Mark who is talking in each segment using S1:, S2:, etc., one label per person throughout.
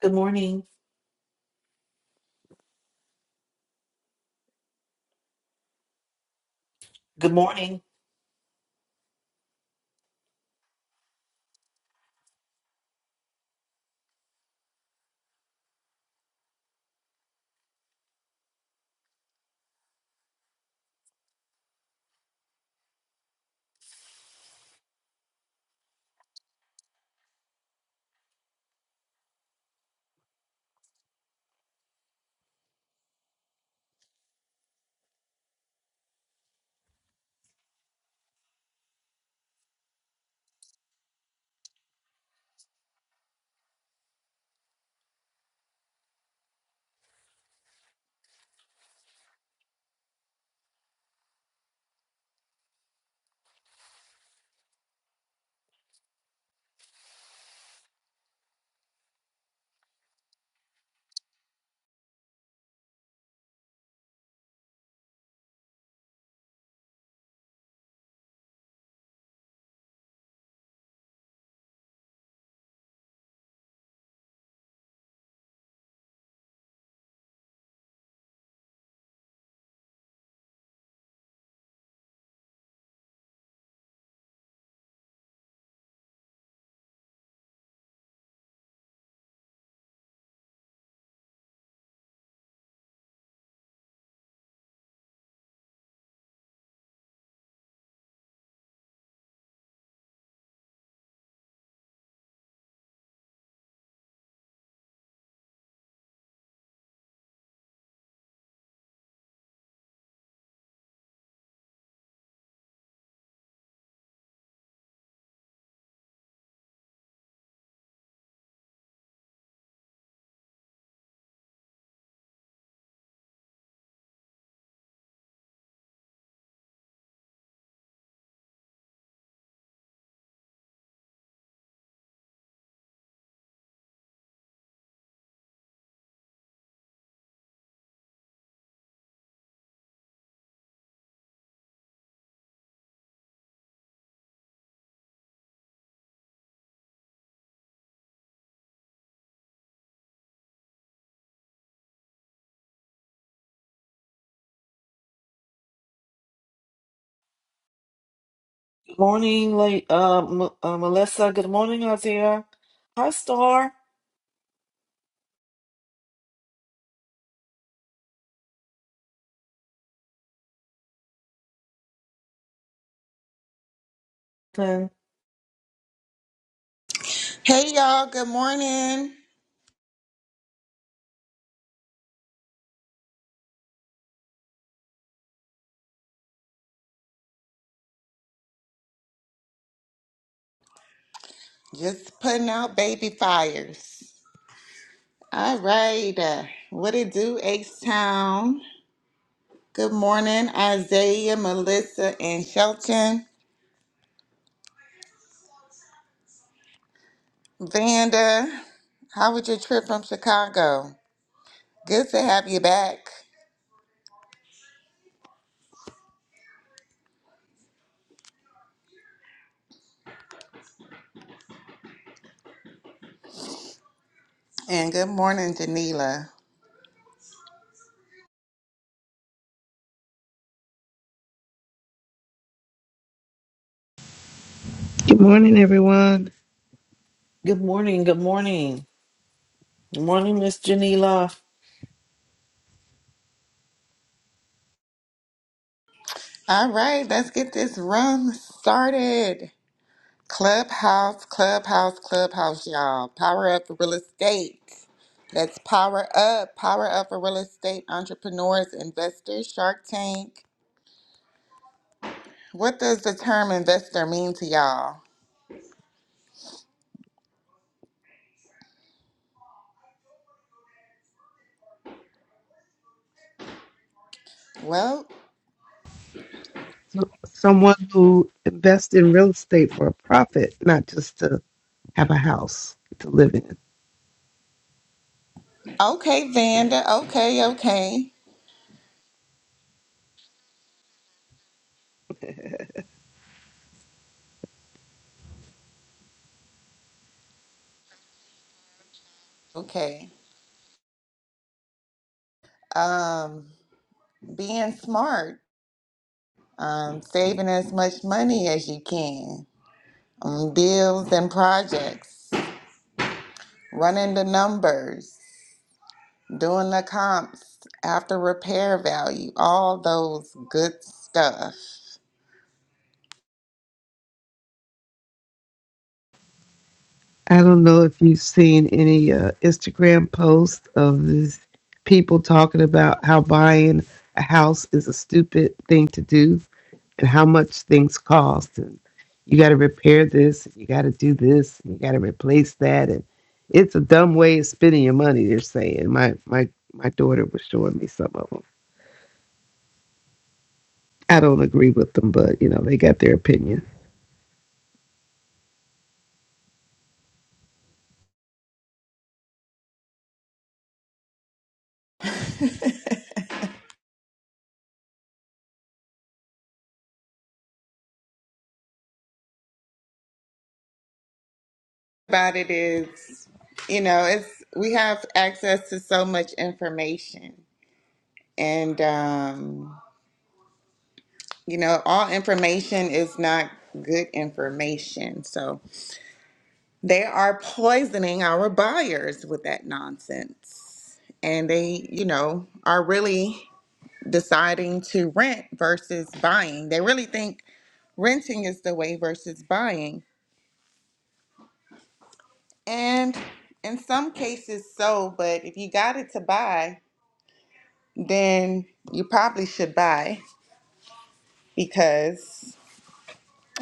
S1: Good morning. Good morning. Good morning, like uh, M- uh, Melissa. Good morning, Azia. Hi, Star. And
S2: Hey y'all, good morning. Just putting out baby fires. All right, uh, what it do, H Town? Good morning, Isaiah, Melissa, and Shelton. Vanda, how was your trip from Chicago? Good to have you back. And good morning, Janila.
S3: Good morning, everyone.
S1: good morning. Good morning. Good morning, Miss Janila.
S2: All right, let's get this run started. Clubhouse, clubhouse, clubhouse, y'all. Power up for real estate. Let's power up. Power up for real estate entrepreneurs, investors, Shark Tank. What does the term investor mean to y'all? Well,
S3: So, someone who invests in real estate for a profit, not just to have a house to live in.
S2: okay, Vanda. Okay, okay, okay. Um, being smart, um, saving as much money as you can on bills and projects, running the numbers, doing the comps after repair value, all those good stuff.
S3: I don't know if you've seen any uh, Instagram posts of these people talking about how buying a house is a stupid thing to do and how much things cost. And you got to repair this, and you got to do this, and you got to replace that. And it's a dumb way of spending your money, they're saying. My, my, my daughter was showing me some of them I don't agree with them, but you know, they got their opinion.
S2: About it is, you know, it's we have access to so much information, and um, you know, all information is not good information. So they are poisoning our buyers with that nonsense, and they, you know, are really deciding to rent versus buying. They really think renting is the way versus buying. And in some cases, so, but if you got it to buy, then you probably should buy because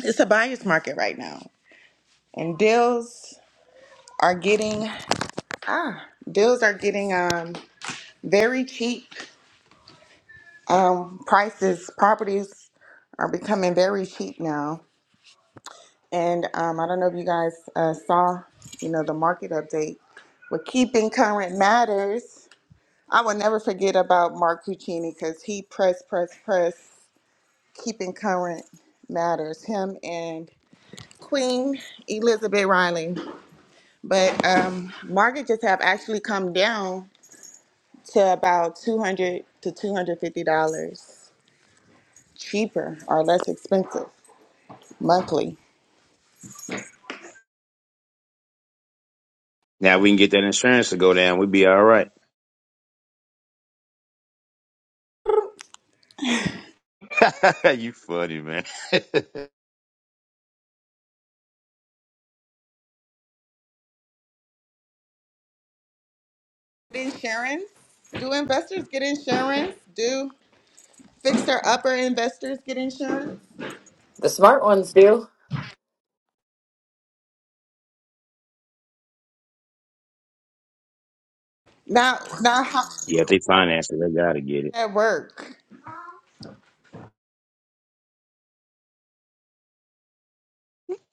S2: it's a buyer's market right now. And deals are getting, ah, deals are getting um, very cheap. Um, prices, properties are becoming very cheap now. And um, I don't know if you guys uh, saw, you know, the market update. With keeping current matters. I will never forget about Mark Puccini because he pressed, pressed, pressed, keeping current matters. Him and Queen Elizabeth Riley. But um, mortgages have actually come down to about two hundred to two hundred fifty dollars cheaper or less expensive monthly.
S4: Now we can get that insurance to go down. We'd be all right. you funny, man.
S2: Insurance? Do investors get insurance? Do fixer upper investors get insurance?
S5: The smart ones do.
S2: Now, now how does
S4: Yeah, if they finance it, they gotta get it.
S2: that work?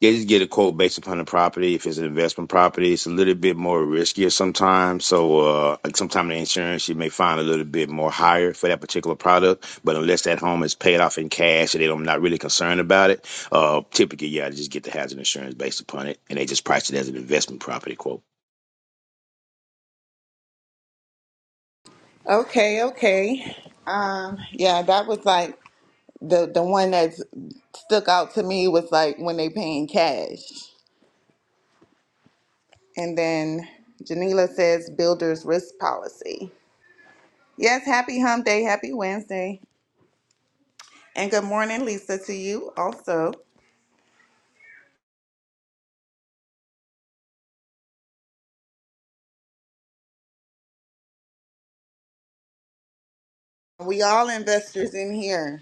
S4: They just get a quote based upon the property. If it's an investment property, it's a little bit more riskier sometimes. So, uh, like sometimes the insurance you may find a little bit more higher for that particular product. But unless that home is paid off in cash and they don't, not really concerned about it, uh, typically, yeah, they just get the hazard insurance based upon it and they just price it as an investment property quote.
S2: Okay, okay. Um, yeah, that was like the the one that stuck out to me was like when they paying cash. And then Janila says builder's risk policy. Yes, happy hump day, happy Wednesday. And good morning, Lisa, to you also. We all investors in here.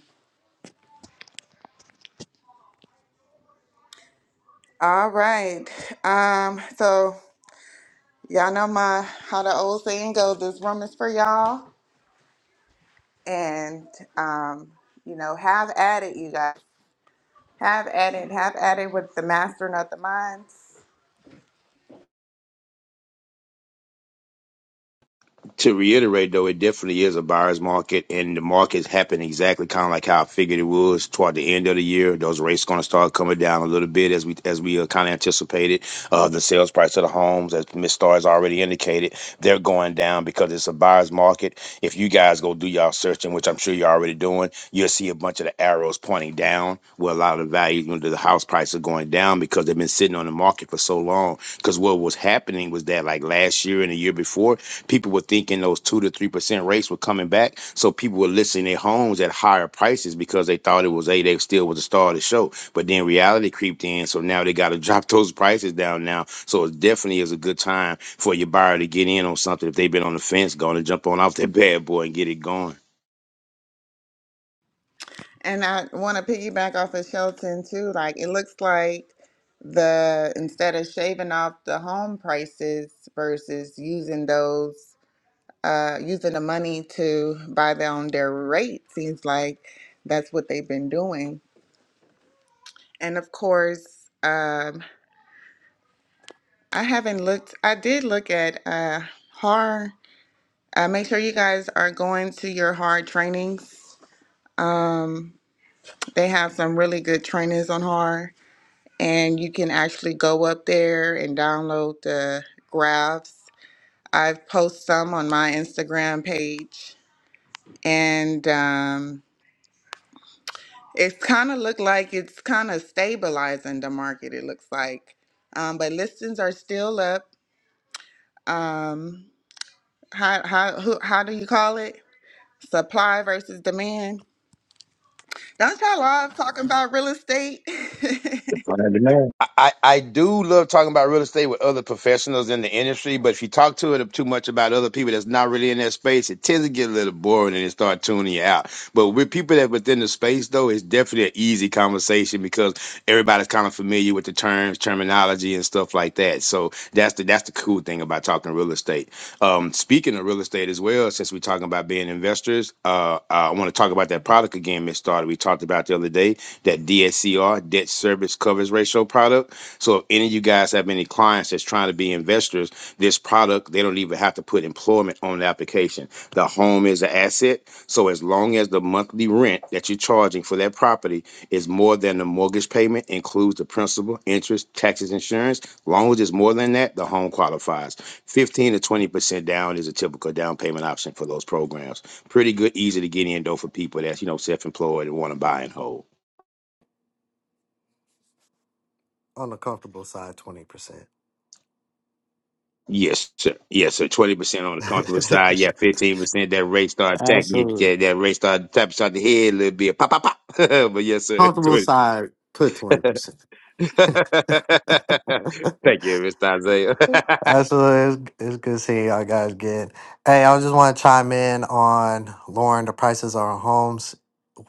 S2: All right. Um, so y'all know my how the old saying goes, this room is for y'all. And um, you know, have at it, you guys. Have at it, have at it with the master, not the minds.
S4: to reiterate though, it definitely is a buyer's market, and the market's happened exactly kind of like how I figured it was toward the end of the year. Those rates going to start coming down a little bit as we as we uh, kind of anticipated. Uh, the sales price of the homes, as Miss Star has already indicated, they're going down because it's a buyer's market. If you guys go do y'all searching, which I'm sure you're already doing, you'll see a bunch of the arrows pointing down, where a lot of the values under the house price are going down because they've been sitting on the market for so long. Because what was happening was that like last year and the year before People were thinking those two to three percent rates were coming back, so people were listing their homes at higher prices because they thought it was a they still was the star of the show. But then reality creeped in, so now they got to drop those prices down now. So it definitely is a good time for your buyer to get in on something if they've been on the fence, going to jump on off that bad boy and get it going.
S2: And I want to piggyback off of Shelton too. Like it looks like the instead of shaving off the home prices versus using those, uh, using the money to buy down their rate, seems like that's what they've been doing. And of course, um, I haven't looked. I did look at uh, HAR. Uh, make sure you guys are going to your HAR trainings. Um, They have some really good trainings on horror, and you can actually go up there and download the graphs. I've posted some on my Instagram page, and um, it's kind of looked like it's kind of stabilizing the market. It looks like, um, but listings are still up. Um, how how who, how do you call it? Supply versus demand. Don't y'all love talking about real estate?
S4: Amen. I, I I do love talking about real estate with other professionals in the industry, but if you talk to it too much about other people that's not really in that space, it tends to get a little boring and it start tuning you out. But with people that within the space though, it's definitely an easy conversation because everybody's kind of familiar with the terms, terminology, and stuff like that. So that's the that's the cool thing about talking real estate. Um, speaking of real estate as well, since we're talking about being investors, uh, I want to talk about that product again, Miss Starter. We talked about the other day that DSCR, debt service coverage ratio product. So if any of you guys have any clients that's trying to be investors, this product, they don't even have to put employment on the application. The home is an asset. So as long as the monthly rent that you're charging for that property is more than the mortgage payment, includes the principal, interest, taxes, insurance, long as it's more than that, the home qualifies. 15 to 20% down is a typical down payment option for those programs. Pretty good, easy to get in though for people that's, you know, self-employed and want to buy and hold.
S6: on the comfortable side, twenty percent.
S4: Yes, sir. Yes, sir. Twenty percent on the comfortable side. Yeah, fifteen percent. That rate start attacking you.
S6: Absolutely.
S4: Yeah, that rate start tapping shot the head a little bit. Pop, pop, pop. but yes, sir.
S6: comfortable
S4: 20.
S6: side, put twenty percent.
S4: Thank you, Mr. Isaiah.
S6: Absolutely, it's, it's good seeing y'all guys again. Hey, I just want to chime in on lowering the prices of our homes.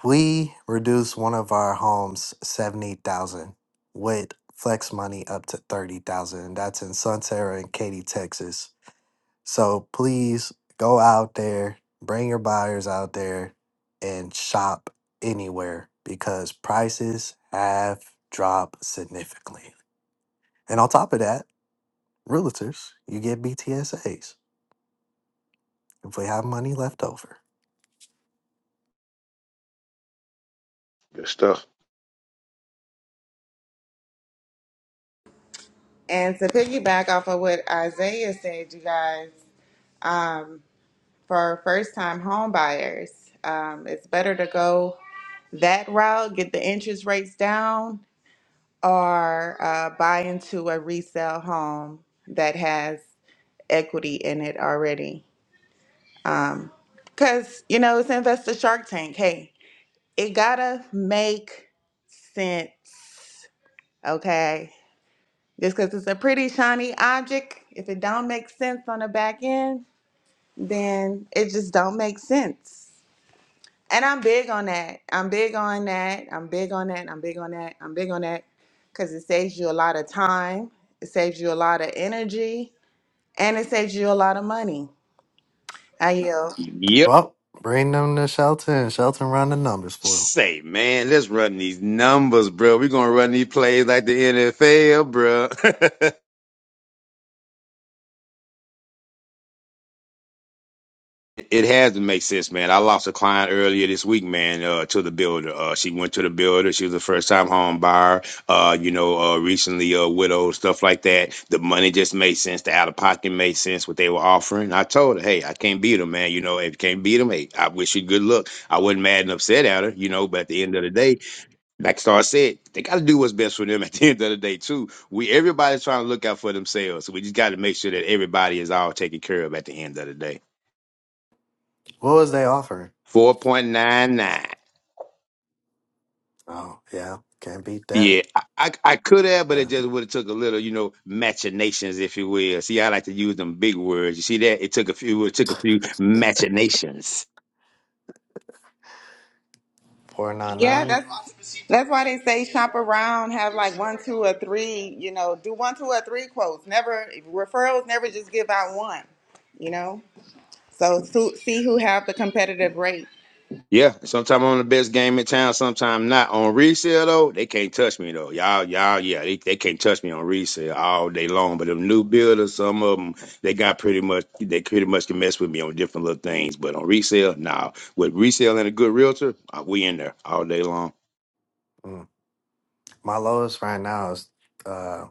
S6: We reduced one of our homes seventy thousand with flex money up to thirty thousand. That's in Sunterra and Katy, Texas. So please go out there, bring your buyers out there and shop anywhere because prices have dropped significantly. And on top of that, realtors, you get BTSAs if we have money left over.
S4: Good stuff.
S2: And to piggyback off of what Isaiah said, you guys, um, for first time home buyers, um, it's better to go that route, get the interest rates down, or uh, buy into a resale home that has equity in it already. Um, Because, you know, it's Investor Shark Tank. Hey, it gotta make sense, okay? Just because it's a pretty shiny object, if it don't make sense on the back end, then it just don't make sense. And I'm big on that. I'm big on that. I'm big on that. I'm big on that. I'm big on that because it saves you a lot of time. It saves you a lot of energy, and it saves you a lot of money. I yield.
S4: Yep.
S6: Well, bring them to Shelton and Shelton run the numbers for them.
S4: Say, man, let's run these numbers, bro. We're gonna run these plays like the NFL, bro. It has to make sense, man. I lost a client earlier this week, man, uh, to the builder. Uh, she went to the builder. She was a first time home buyer, uh, you know, uh, recently uh, widowed, stuff like that. The money just made sense. The out of pocket made sense, what they were offering. I told her, hey, I can't beat them, man. You know, if you can't beat them, hey, I wish you good luck. I wasn't mad and upset at her, you know, but at the end of the day, like Star said, they got to do what's best for them at the end of the day, too. We Everybody's trying to look out for themselves. So we just got to make sure that everybody is all taken care of at the end of the day.
S6: What was they offering?
S4: 4.99.
S6: Oh, yeah, can't beat that.
S4: Yeah, I, I I could have, but it
S6: Yeah.
S4: just would have took a little, you know, machinations, if you will. See, I like to use them big words. You see that? It took a few, it took a few machinations.
S2: Yeah,
S6: 499?
S2: that's that's why they say shop around, have like one, two, or three. You know, do one, two, or three quotes. Never referrals. Never just give out one. You know. So su- see who have the competitive rate.
S4: Yeah, sometimes I'm the best game in town, sometimes not. On resale though, they can't touch me though. Y'all, y'all, yeah, they, they can't touch me on resale all day long. But them new builders, some of them, they got pretty much, they pretty much can mess with me on different little things. But on resale, nah. With resale and a good realtor, uh, we in there all day long.
S6: Mm. My lowest right now is uh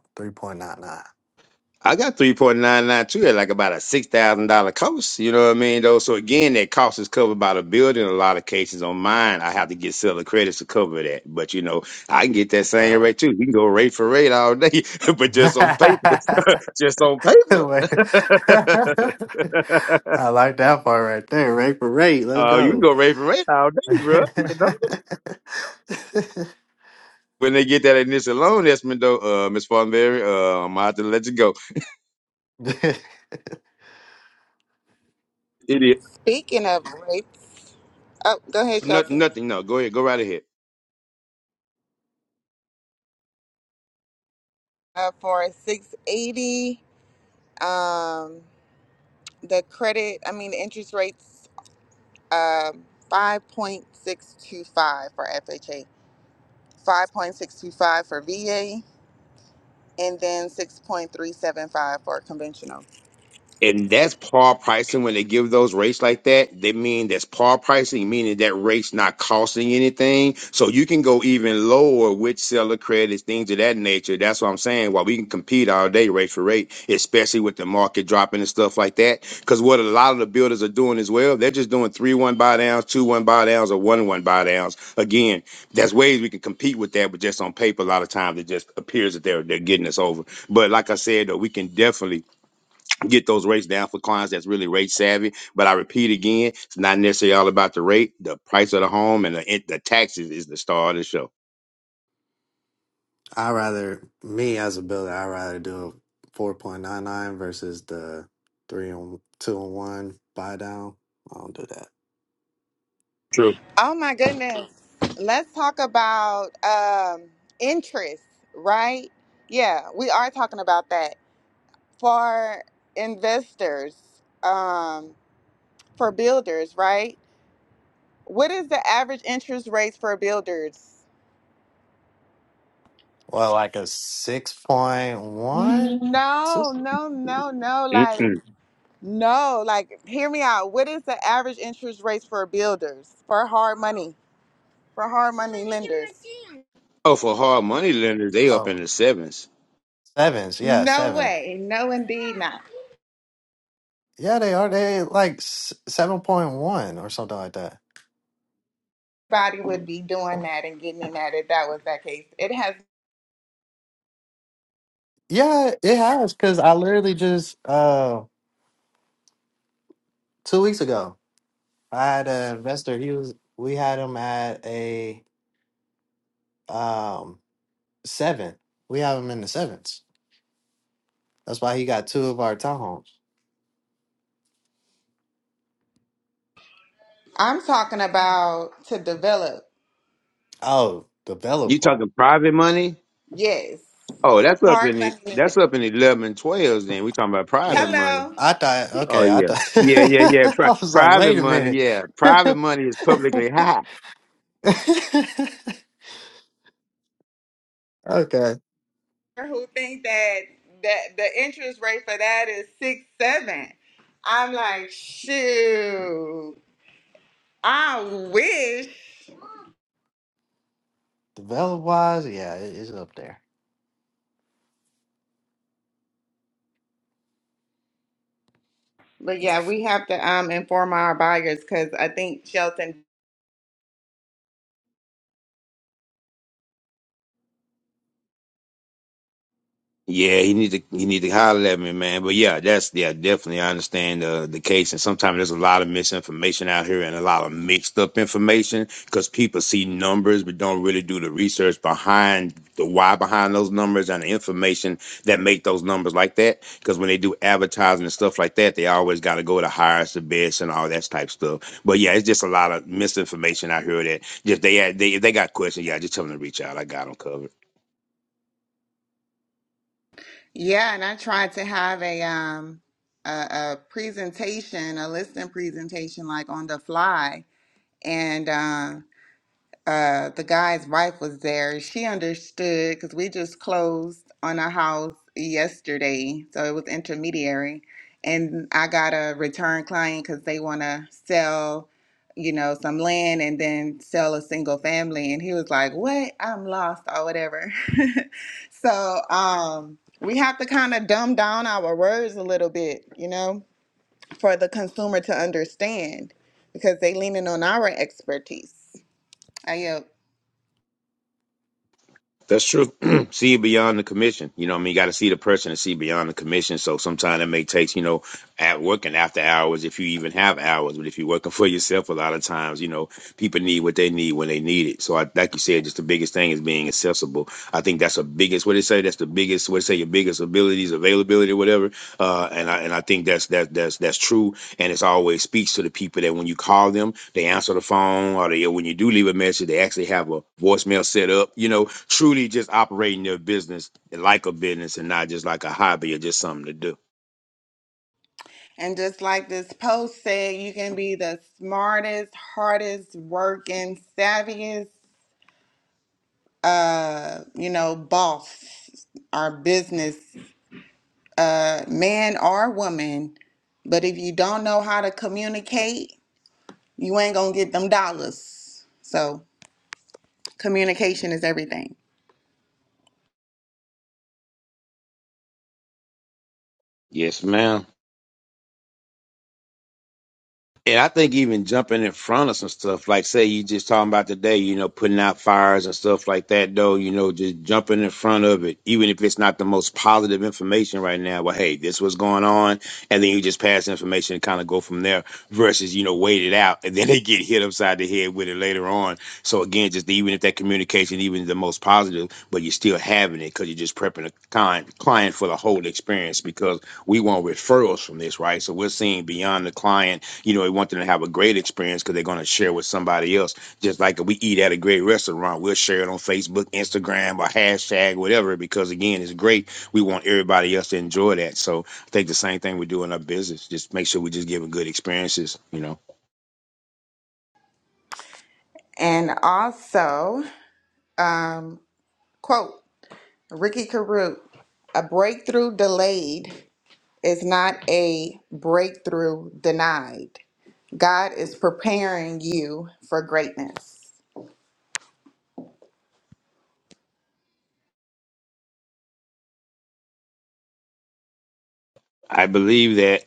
S4: I got 3.992 at like about a $6,000 cost. You know what I mean, though? So again, that cost is covered by the building. In a lot of cases on mine, I have to get seller credits to cover that. But you know, I can get that same rate
S6: 3.99.
S4: too. We can go rate for rate all day, but just on paper,
S6: Right.
S4: just on paper.
S6: Like- I like that part right there. Right parade. Let's
S4: uh, you can
S6: go.
S4: go rate for rate all day, bro. You
S6: I
S4: know? When they get that initial loan estimate though, uh, Ms. Fonberry, uh, I'm gonna have to let you go. It is.
S2: Speaking of rates, oh, go ahead,
S4: No,
S2: Shelton.
S4: nothing. No, go ahead. Go right ahead.
S2: Uh, for six eighty, um, the credit, I mean, the interest rates, um, five point six two five for FHA, five point six two five for VA, and then six point three seven five for conventional.
S4: And that's par pricing. When they give those rates like that, they mean that's par pricing, meaning that rate's not costing anything. So you can go even lower with seller credits, things of that nature. That's what I'm saying. While we can compete all day rate for rate, especially with the market dropping and stuff like that. Because what a lot of the builders are doing as well, they're just doing three one buy downs, two one buy downs, or one one buy downs. Again, there's ways we can compete with that, but just on paper, a lot of times it just appears that they're they're getting us over. But like I said, though, we can definitely get those rates down for clients that's really rate savvy. But I repeat again, it's not necessarily all about the rate. The price of the home and the, it, the taxes is the star of the show.
S6: rather me as a builder. I rather do a four point nine nine versus the three on two on one buy down. I don't do that.
S2: Oh my goodness! Let's talk about um, interest, right? Yeah, we are talking about that. for investors, um, for builders, right? What is the average interest rate for builders?
S6: Well, like a six point one.
S2: No, no, no, no. Like,
S4: Mm-mm.
S2: no, like, hear me out. What is the average interest rates for builders, for hard money, for hard money lenders?
S4: Oh, for hard money lenders, they up in
S6: Oh,
S4: the sevens.
S6: sevens, Yeah,
S2: No
S6: seven.
S2: way. No, indeed not.
S6: Yeah, they are. They like seven point one or something like that.
S2: Everybody would be doing that and getting in that if that was that case. It has,
S6: Yeah, it has because I literally just uh two weeks ago I had an investor. He was we had him at a um seven. We have him in the sevens. That's why he got two of our townhomes.
S2: I'm talking about to develop.
S6: Oh,
S4: You
S6: developer.
S4: talking private money?
S2: Yes.
S4: Oh, that's up in
S2: Hard
S4: the
S2: money lenders.
S4: that's up in the eleven twelves. Then we talking about private
S6: Yeah.
S4: money.
S2: Hello.
S6: I thought
S4: Oh
S6: okay, I
S4: yeah, yeah, yeah,
S6: thought
S4: yeah. Pri-
S6: I was like,
S4: private
S6: wait a
S4: money,
S6: minute.
S4: yeah. Private money is publicly high.
S6: okay.
S2: Who think that that the interest rate for that is six seven? I'm like, shoot. I wish.
S6: Develop wise, yeah, it- it's up there.
S2: But yeah, we have to um inform our buyers because I think Shelton.
S4: Yeah, he need to he need to holler at me, man. But yeah, that's yeah, definitely I understand the the case. And sometimes there's a lot of misinformation out here and a lot of mixed up information because people see numbers but don't really do the research behind the why behind those numbers and the information that make those numbers like that. Because when they do advertising and stuff like that, they always got to go to highest, the best, and all that type stuff. But yeah, it's just a lot of misinformation out here that just they had- they if they got questions, yeah, just tell them to reach out. I got them covered.
S2: Yeah, and I tried to have a um a, a presentation, a listing presentation, like on the fly, and. uh, uh the guy's wife was there. She understood because we just closed on a house yesterday, so it was intermediary, and I got a return client because they want to sell, you know, some land and then sell a single family, and he was like, "What? I'm lost or whatever." so um, we have to kind of dumb down our words a little bit, you know, for the consumer to understand because they leaning on our expertise. I yield.
S4: That's true. see beyond the commission. You know what I mean? You got to see the person and see beyond the commission. So sometimes it may take, you know, at working after hours if you even have hours but if you're working for yourself a lot of times you know people need what they need when they need it so I, like you said just the biggest thing is being accessible i think that's the biggest what they say that's the biggest what they say your biggest abilities availability whatever uh and i and i think that's that that's that's true and it's always speaks to the people that when you call them they answer the phone or they when you do leave a message they actually have a voicemail set up you know truly just operating their business like a business and not just like a hobby or just something to do
S2: And just like this post said, you can be the smartest, hardest working, savviest, uh, you know, boss or business uh, man or woman. But if you don't know how to communicate, you ain't gonna get them dollars. So communication is everything.
S4: yes ma'am And I think even jumping in front of some stuff, like say you just talking about today, you know, putting out fires and stuff like that, though, you know, just jumping in front of it, even if it's not the most positive information right now, but hey, this was going on, and then you just pass information and kind of go from there versus, you know, wait it out and then they get hit upside the head with it later on. So again, just even if that communication even the most positive, but you're still having it because you're just prepping a client client for the whole experience because we want referrals from this, right? So we're seeing beyond the client you know, we want them to have a great experience because they're going to share with somebody else. Just like if we eat at a great restaurant, we'll share it on Facebook, Instagram, or hashtag, whatever, because again, it's great. We want everybody else to enjoy that. So I think the same thing we do in our business. Just make sure we just giving good experiences, you know.
S2: And also, um, quote Ricky Caruth, a breakthrough delayed. It's not a breakthrough denied. God is preparing you for greatness.
S4: I believe that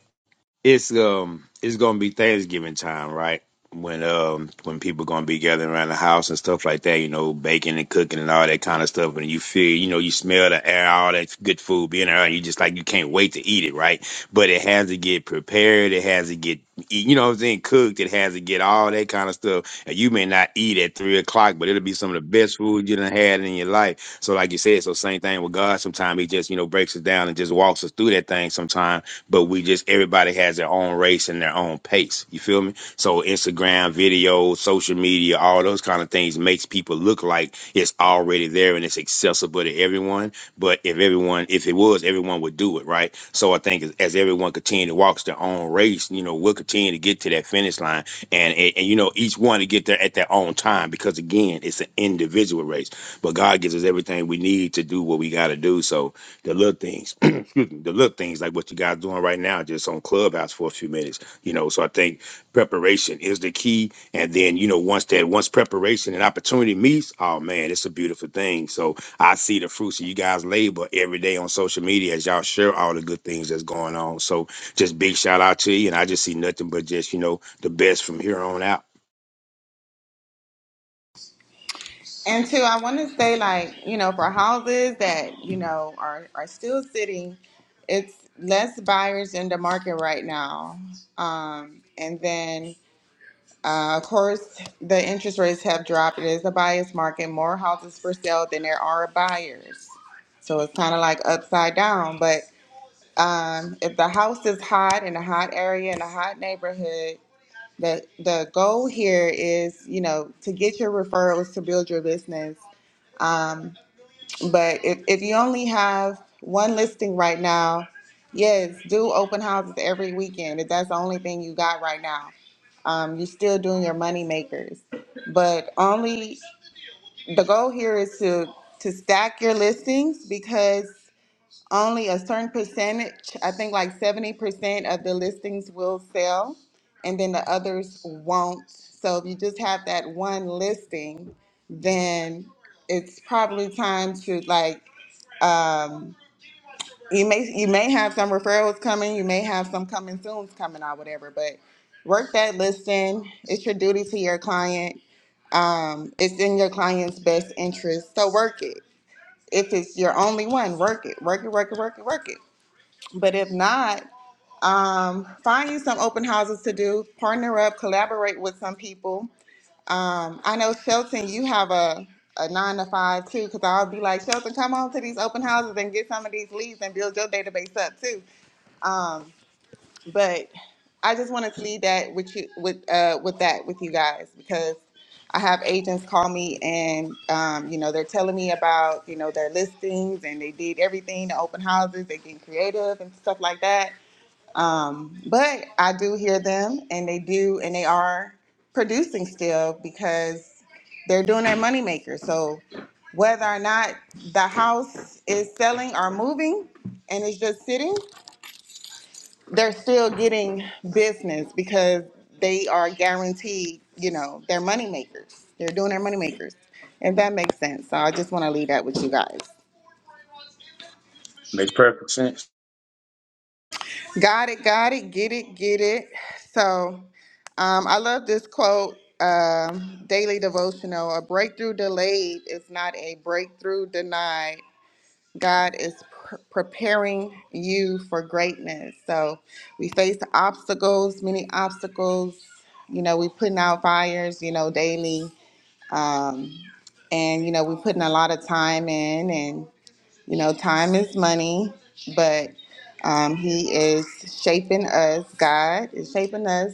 S4: it's um it's gonna be Thanksgiving time, right? When um when people gonna be gathering around the house and stuff like that, you know, baking and cooking and all that kind of stuff, and you feel, you know, you smell the air, all that good food being around, you just like you can't wait to eat it, right? But it has to get prepared, it has to get, eat- you know, what I'm saying cooked, it has to get all that kind of stuff, and you may not eat at three o'clock, but it'll be some of the best food you done had in your life. So, like you said, so same thing with God. Sometimes He just, you know, breaks us down and just walks us through that thing. Sometimes but we just everybody has their own race and their own pace. You feel me? So Instagram, video, social media, all those kind of things makes people look like it's already there and it's accessible to everyone. But if everyone, if it was, everyone would do it, right? So I think as as everyone continue to walks their own race, you know, we'll continue to get to that finish line, and and, and you know, each one to get there at their own time because again, it's an individual race. But God gives us everything we need to do what we got to do. So the little things, excuse me, the little things like what you guys doing right now, just on Clubhouse for a few minutes, you know. So I think preparation is the key, and then you know once that once preparation and opportunity meets, oh man, it's a beautiful thing. So I see the fruits of you guys' labor every day on social media as y'all share all the good things that's going on. So just big shout out to you, and I just see nothing but just you know the best from here on out.
S2: And two, I want to say, like, you know, for houses that, you know, are, are still sitting, it's less buyers in the market right now. Um, and then, uh, of course, the interest rates have dropped. It is a buyer's market, more houses for sale than there are buyers. So it's kind of like upside down. but. Um, if the house is hot in a hot area in a hot neighborhood, the the goal here is, you know, to get your referrals to build your business. But if, if you only have one listing right now, yes, do open houses every weekend. If that's the only thing you got right now, um, you're still doing your money makers. But only the goal here is to to stack your listings because only a certain percentage, I think like seventy percent of the listings will sell, and then the others won't. So if you just have that one listing, then it's probably time to like um you may you may have some referrals coming, you may have some coming soon's coming or whatever, but work that listing. It's your duty to your client. Um, it's in your client's best interest. So work it. If it's your only one, work it. Work it, work it, work it, work it. But if not, um, find you some open houses to do, partner up, collaborate with some people. Um, I know Shelton, you have a, a nine to five too, because I'll be like, Shelton, come on to these open houses and get some of these leads and build your database up too. Um, but I just wanted to leave that with you with uh, with that with you guys because I have agents call me and um, you know they're telling me about you know their listings and they did everything the open houses they getting creative and stuff like that um, but I do hear them, and they do, and they are producing still because they're doing their moneymaker. So whether or not the house is selling or moving and it's just sitting, they're still getting business because they are guaranteed, you know, they're moneymakers. They're doing their moneymakers. If that makes sense. So I just want to leave that with you guys.
S4: Makes perfect sense.
S2: Got it, got it, get it, get it. So um, I love this quote um, daily devotional. A breakthrough delayed is not a breakthrough denied. God is pr- preparing you for greatness. So we face obstacles, many obstacles. You know, we're putting out fires, you know, daily. Um, and, you know, we're putting a lot of time in and you know, time is money, but um, He is shaping us. God is shaping us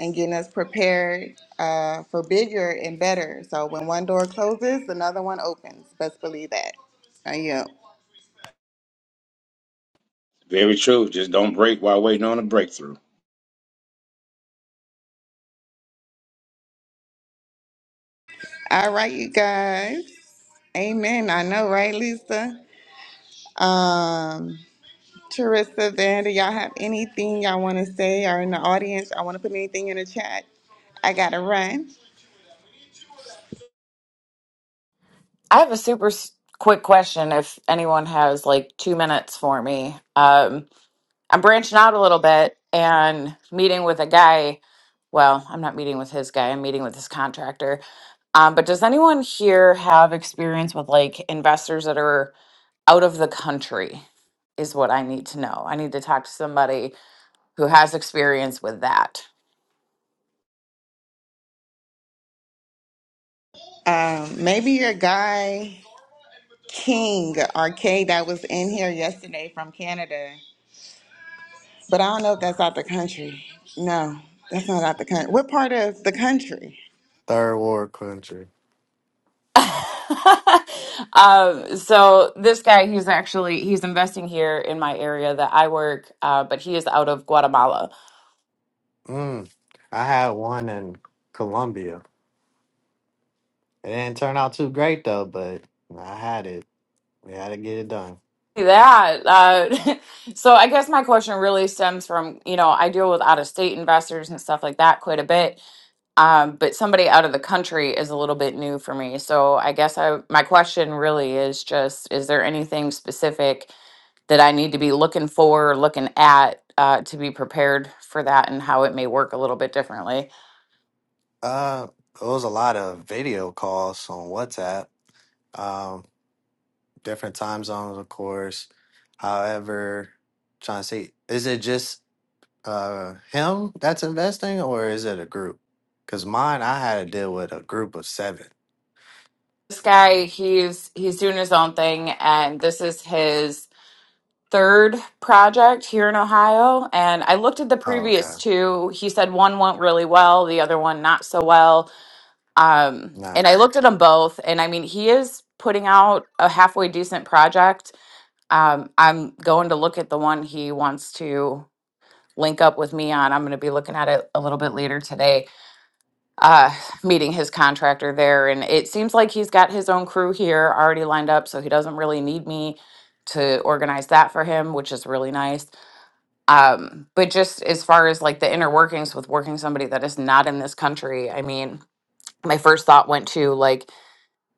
S2: and getting us prepared uh, for bigger and better. So when one door closes, another one opens. Best believe that. I yield.
S4: Very true. Just don't break while waiting on a breakthrough.
S2: All right, you guys. Amen. I know, right, Lisa? Um, Teresa, Vander, y'all have anything y'all want to say or in the audience? I want to put anything in the chat. I got to run.
S5: I have a super s- quick question if anyone has like two minutes for me. Um, I'm branching out a little bit and meeting with a guy. Well, I'm not meeting with his guy, I'm meeting with his contractor. Um, but does anyone here have experience with like investors that are out of the country? Is what I need to know. I need to talk to somebody who has experience with that.
S2: Um, maybe your guy King Arcade that was in here yesterday from Canada. But I don't know if that's out the country. No, that's not out the country. What part of the country?
S6: Third world country.
S5: um, so this guy, he's actually he's investing here in my area that I work, uh, but he is out of Guatemala.
S6: Mm. I had one in Colombia. It didn't turn out too great though, but I had it. We had to get it done.
S5: That uh, so I guess my question really stems from you know I deal with out of state investors and stuff like that quite a bit, um, but somebody out of the country is a little bit new for me. So I guess I my question really is just: Is there anything specific that I need to be looking for, or looking at uh, to be prepared for that, and how it may work a little bit differently?
S6: Uh, it was a lot of video calls on WhatsApp. Um, different time zones, of course. However, trying to see, is it just uh him that's investing, or is it a group? Because mine, I had to deal with a group of seven.
S5: This guy, he's he's doing his own thing, and this is his third project here in Ohio. And I looked at the
S6: Oh, okay,
S5: previous two. He said one went really well, the other one not so well. Um, and I
S6: nice.
S5: looked at them both. And I mean, he is putting out a halfway decent project. Um, I'm going to look at the one he wants to link up with me on. I'm going to be looking at it a little bit later today, uh, meeting his contractor there. And it seems like he's got his own crew here already lined up. So he doesn't really need me to organize that for him, which is really nice um, but just as far as like the inner workings with working somebody that is not in this country, I mean, my first thought went to like,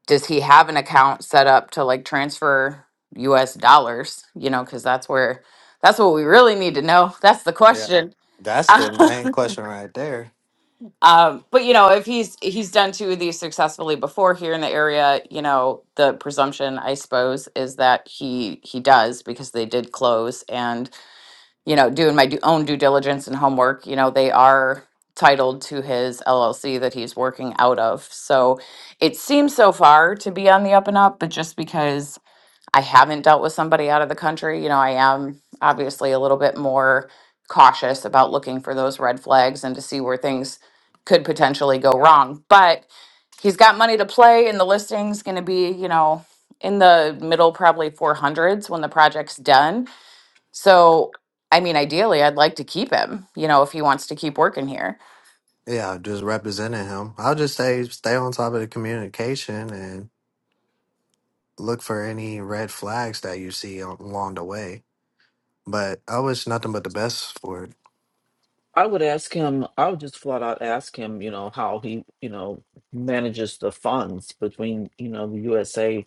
S5: does he have an account set up to like transfer US dollars? You know, because that's where that's what we really need to know. That's the
S6: Yeah,
S5: question.
S6: that's the main question right there.
S5: um, but you know, if he's he's done two of these successfully before here in the area, you know, the presumption I suppose is that he he does because they did close and you know, doing my due- own due diligence and homework, you know, they are titled to his LLC that he's working out of. So it seems so far to be on the up and up, but just because I haven't dealt with somebody out of the country, you know, I am obviously a little bit more cautious about looking for those red flags and to see where things could potentially go wrong. But he's got money to play and the listing's going to be, you know, in the middle probably 400s when the project's done so, I mean, ideally, I'd like to keep him, you know, if he wants to keep working here.
S6: Yeah, just representing him. I'll just say stay on top of the communication and look for any red flags that you see al- along the way. But I wish nothing but the best for it.
S1: I would ask him, I would just flat out ask him, you know, how he, you know, manages the funds between, you know, the USA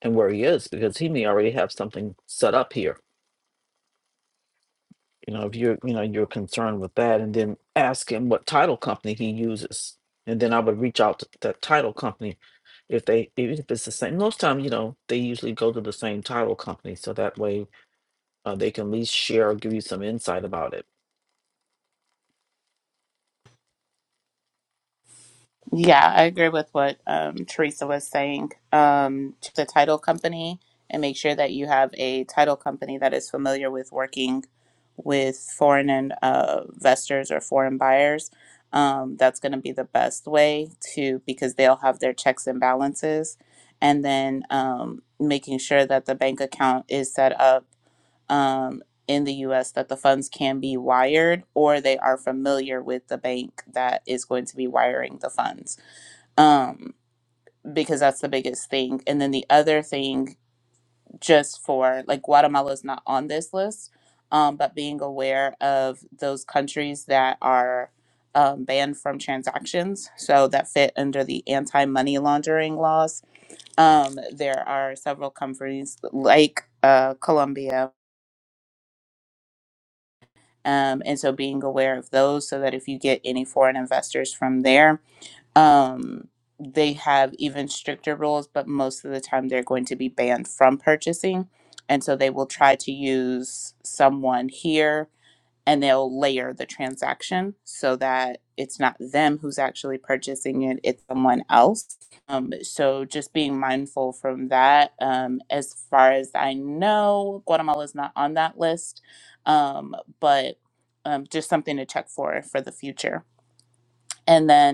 S1: and where he is, because he may already have something set up here. you know if you're you know you're concerned with that and then ask him what title company he uses and then i would reach out to that title company if they even if it's the same most times you know they usually go to the same title company so that way uh, they can at least share or give you some insight about it
S7: Yeah, I agree with what um, Teresa was saying. Um, to the title company and make sure that you have a title company that is familiar with working with foreign and, uh, investors or foreign buyers. Um, that's going to be the best way to because they'll have their checks and balances, and then um, making sure that the bank account is set up um, in the U.S. that the funds can be wired or they are familiar with the bank that is going to be wiring the funds um, because that's the biggest thing. And then the other thing, just for like Guatemala's not on this list, um, but being aware of those countries that are um, banned from transactions, so that fit under the anti money laundering laws. Um, there are several companies like uh, Colombia. Um, and so being aware of those so that if you get any foreign investors from there, um, they have even stricter rules, but most of the time they're going to be banned from purchasing. And so they will try to use someone here and they'll layer the transaction so that it's not them who's actually purchasing it, it's someone else. Um, so just being mindful from that. Um, as far as I know, Guatemala is not on that list, um, but um, just something to check for for the future. And then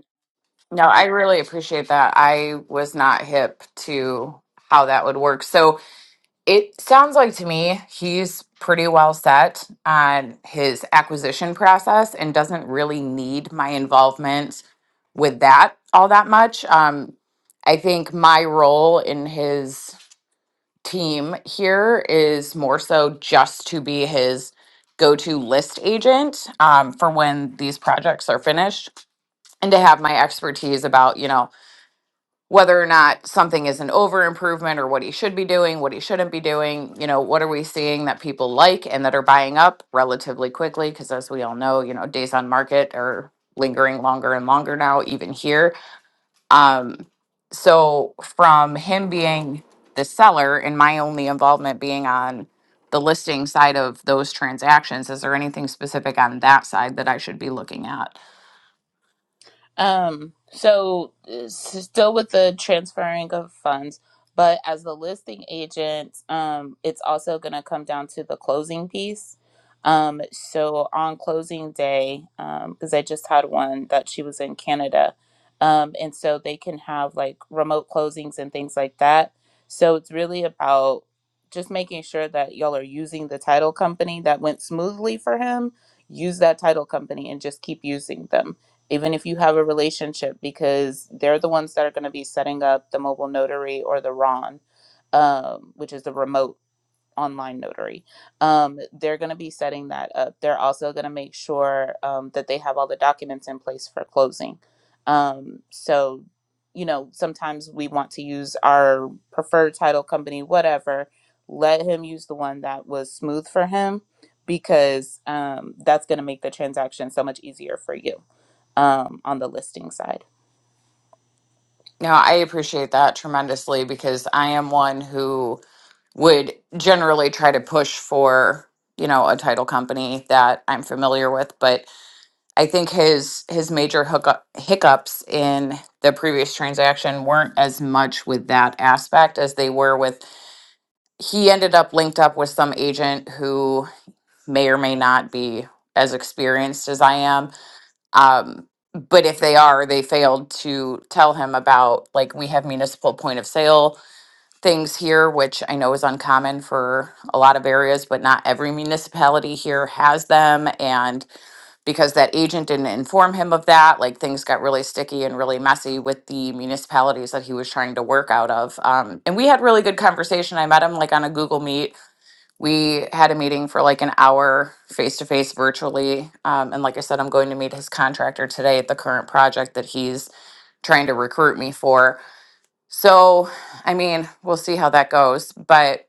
S5: No, I really appreciate that. I was not hip to how that would work. So it sounds like to me he's pretty well set on his acquisition process and doesn't really need my involvement with that all that much. Um, I think my role in his team here is more so just to be his go-to list agent um, for when these projects are finished and to have my expertise about you know whether or not something is an over improvement or what he should be doing what he shouldn't be doing you know what are we seeing that people like and that are buying up relatively quickly because as we all know you know days on market are lingering longer and longer now even here um, so from him being the seller and my only involvement being on the listing side of those transactions, is there anything specific on that side that I should be looking at?
S7: Um, so uh, s- still with the transferring of funds, but as the listing agent, um, it's also going to come down to the closing piece. Um, so on closing day, um, because I just had one that she was in Canada, um, and so they can have like remote closings and things like that. So it's really about just making sure that y'all are using the title company that went smoothly for him. Use that title company and just keep using them even if you have a relationship, because they're the ones that are going to be setting up the mobile notary or the RON, um, which is the remote online notary. Um, they're going to be setting that up. They're also going to make sure um, that they have all the documents in place for closing. Um, so, you know, sometimes we want to use our preferred title company, whatever. Let him use the one that was smooth for him because um, that's going to make the transaction so much easier for you um, on the listing side.
S5: No, I appreciate that tremendously because I am one who would generally try to push for, you know, a title company that I'm familiar with, but I think his his major hookup, hiccups in the previous transaction weren't as much with that aspect as they were with he ended up linked up with some agent who may or may not be as experienced as I am. Um, but if they are, they failed to tell him about like we have municipal point of sale things here, which I know is uncommon for a lot of areas, but not every municipality here has them. And because that agent didn't inform him of that, like things got really sticky and really messy with the municipalities that he was trying to work out of. Um, and we had really good conversation. I met him like on a Google Meet we had a meeting for like an hour face to face virtually. Um, and like I said, I'm going to meet his contractor today at the current project that he's trying to recruit me for. So, I mean, we'll see how that goes. But,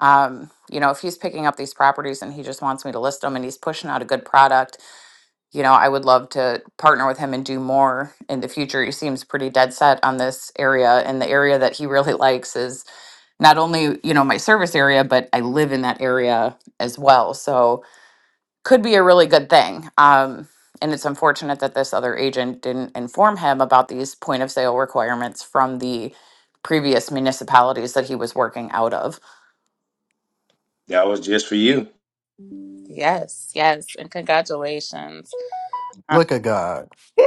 S5: um, you know, if he's picking up these properties and he just wants me to list them and he's pushing out a good product, you know, I would love to partner with him and do more in the future. He seems pretty dead set on this area. And the area that he really likes is not only you know my service area but i live in that area as well so could be a really good thing um, and it's unfortunate that this other agent didn't inform him about these point of sale requirements from the previous municipalities that he was working out of
S4: That was just for you.
S7: Yes, yes, and congratulations. Uh,
S6: Look at God.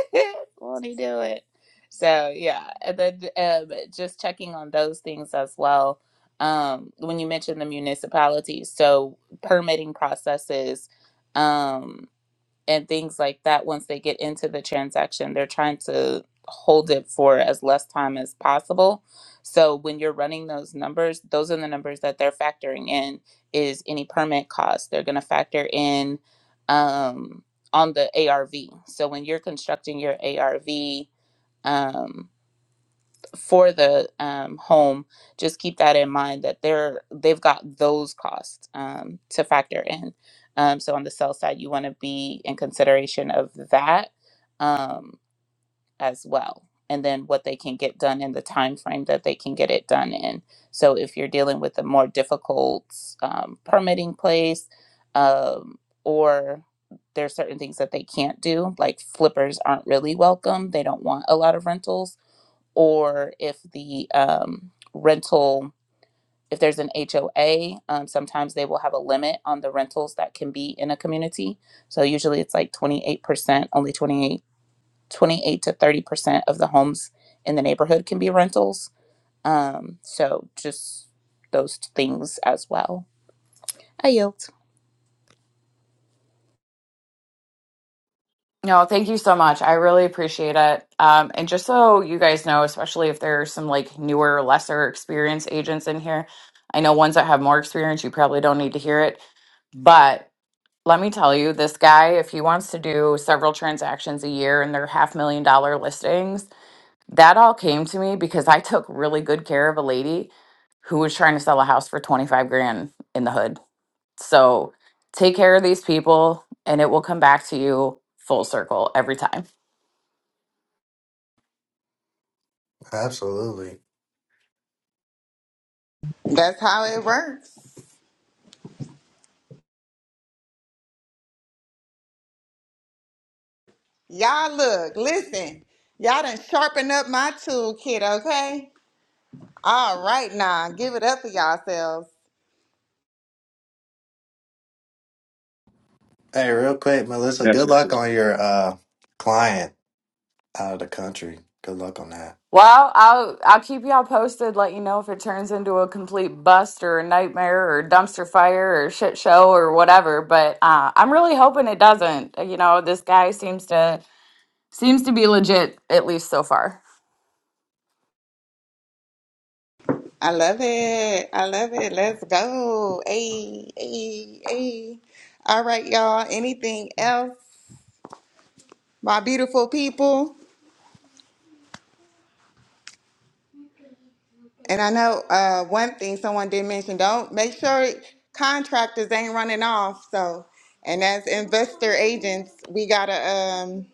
S7: Won't he do it? So yeah, and then um, just checking on those things as well. Um, when you mentioned the municipalities, so permitting processes. Um, and things like that once they get into the transaction they're trying to hold it for as less time as possible so when you're running those numbers those are the numbers that they're factoring in is any permit cost they're going to factor in um, on the arv so when you're constructing your arv um, for the um, home, just keep that in mind that they're they've got those costs um, to factor in. Um, so on the sell side, you want to be in consideration of that um, as well, and then what they can get done in the time frame that they can get it done in. So if you're dealing with a more difficult um, permitting place, um, or there's certain things that they can't do, like flippers aren't really welcome. They don't want a lot of rentals or if the um, rental, if there's an HOA, um, sometimes they will have a limit on the rentals that can be in a community. So usually it's like 28%, only 28, 28 to 30% of the homes in the neighborhood can be rentals. Um, so just those things as well. I yield.
S5: no thank you so much i really appreciate it um, and just so you guys know especially if there's some like newer lesser experienced agents in here i know ones that have more experience you probably don't need to hear it but let me tell you, this guy, if he wants to do several transactions a year and they're half million dollar listings, that all came to me because I took really good care of a lady who was trying to sell a house for 25 grand in the hood. So take care of these people and it will come back to you full circle every time.
S6: Absolutely.
S2: That's how it works. Y'all look, listen. Y'all done sharpen up my toolkit, okay? All right now, give it up for yourselves.
S6: Hey, real quick, Melissa,
S4: That's
S6: good
S4: it.
S6: luck on your uh client out of the country. Good luck on that.
S5: Well, I'll I'll keep y'all posted. Let you know if it turns into a complete bust or a nightmare or a dumpster fire or shit show or whatever. But uh, I'm really hoping it doesn't. You know, this guy seems to seems to be legit at least so far.
S2: I love it. I love it. Let's go. Hey, hey, hey. All right, y'all. Anything else? My beautiful people. And I know uh, one thing someone did mention: don't make sure contractors ain't running off. So, and as investor agents, we gotta um,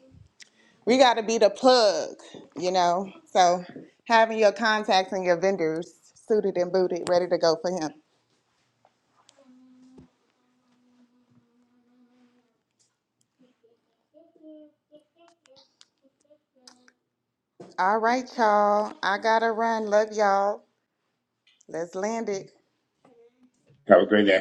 S2: we gotta be the plug, you know. So, having your contacts and your vendors suited and booted, ready to go for him. All right, y'all. I gotta run. Love y'all. Let's land it.
S4: Have a great day.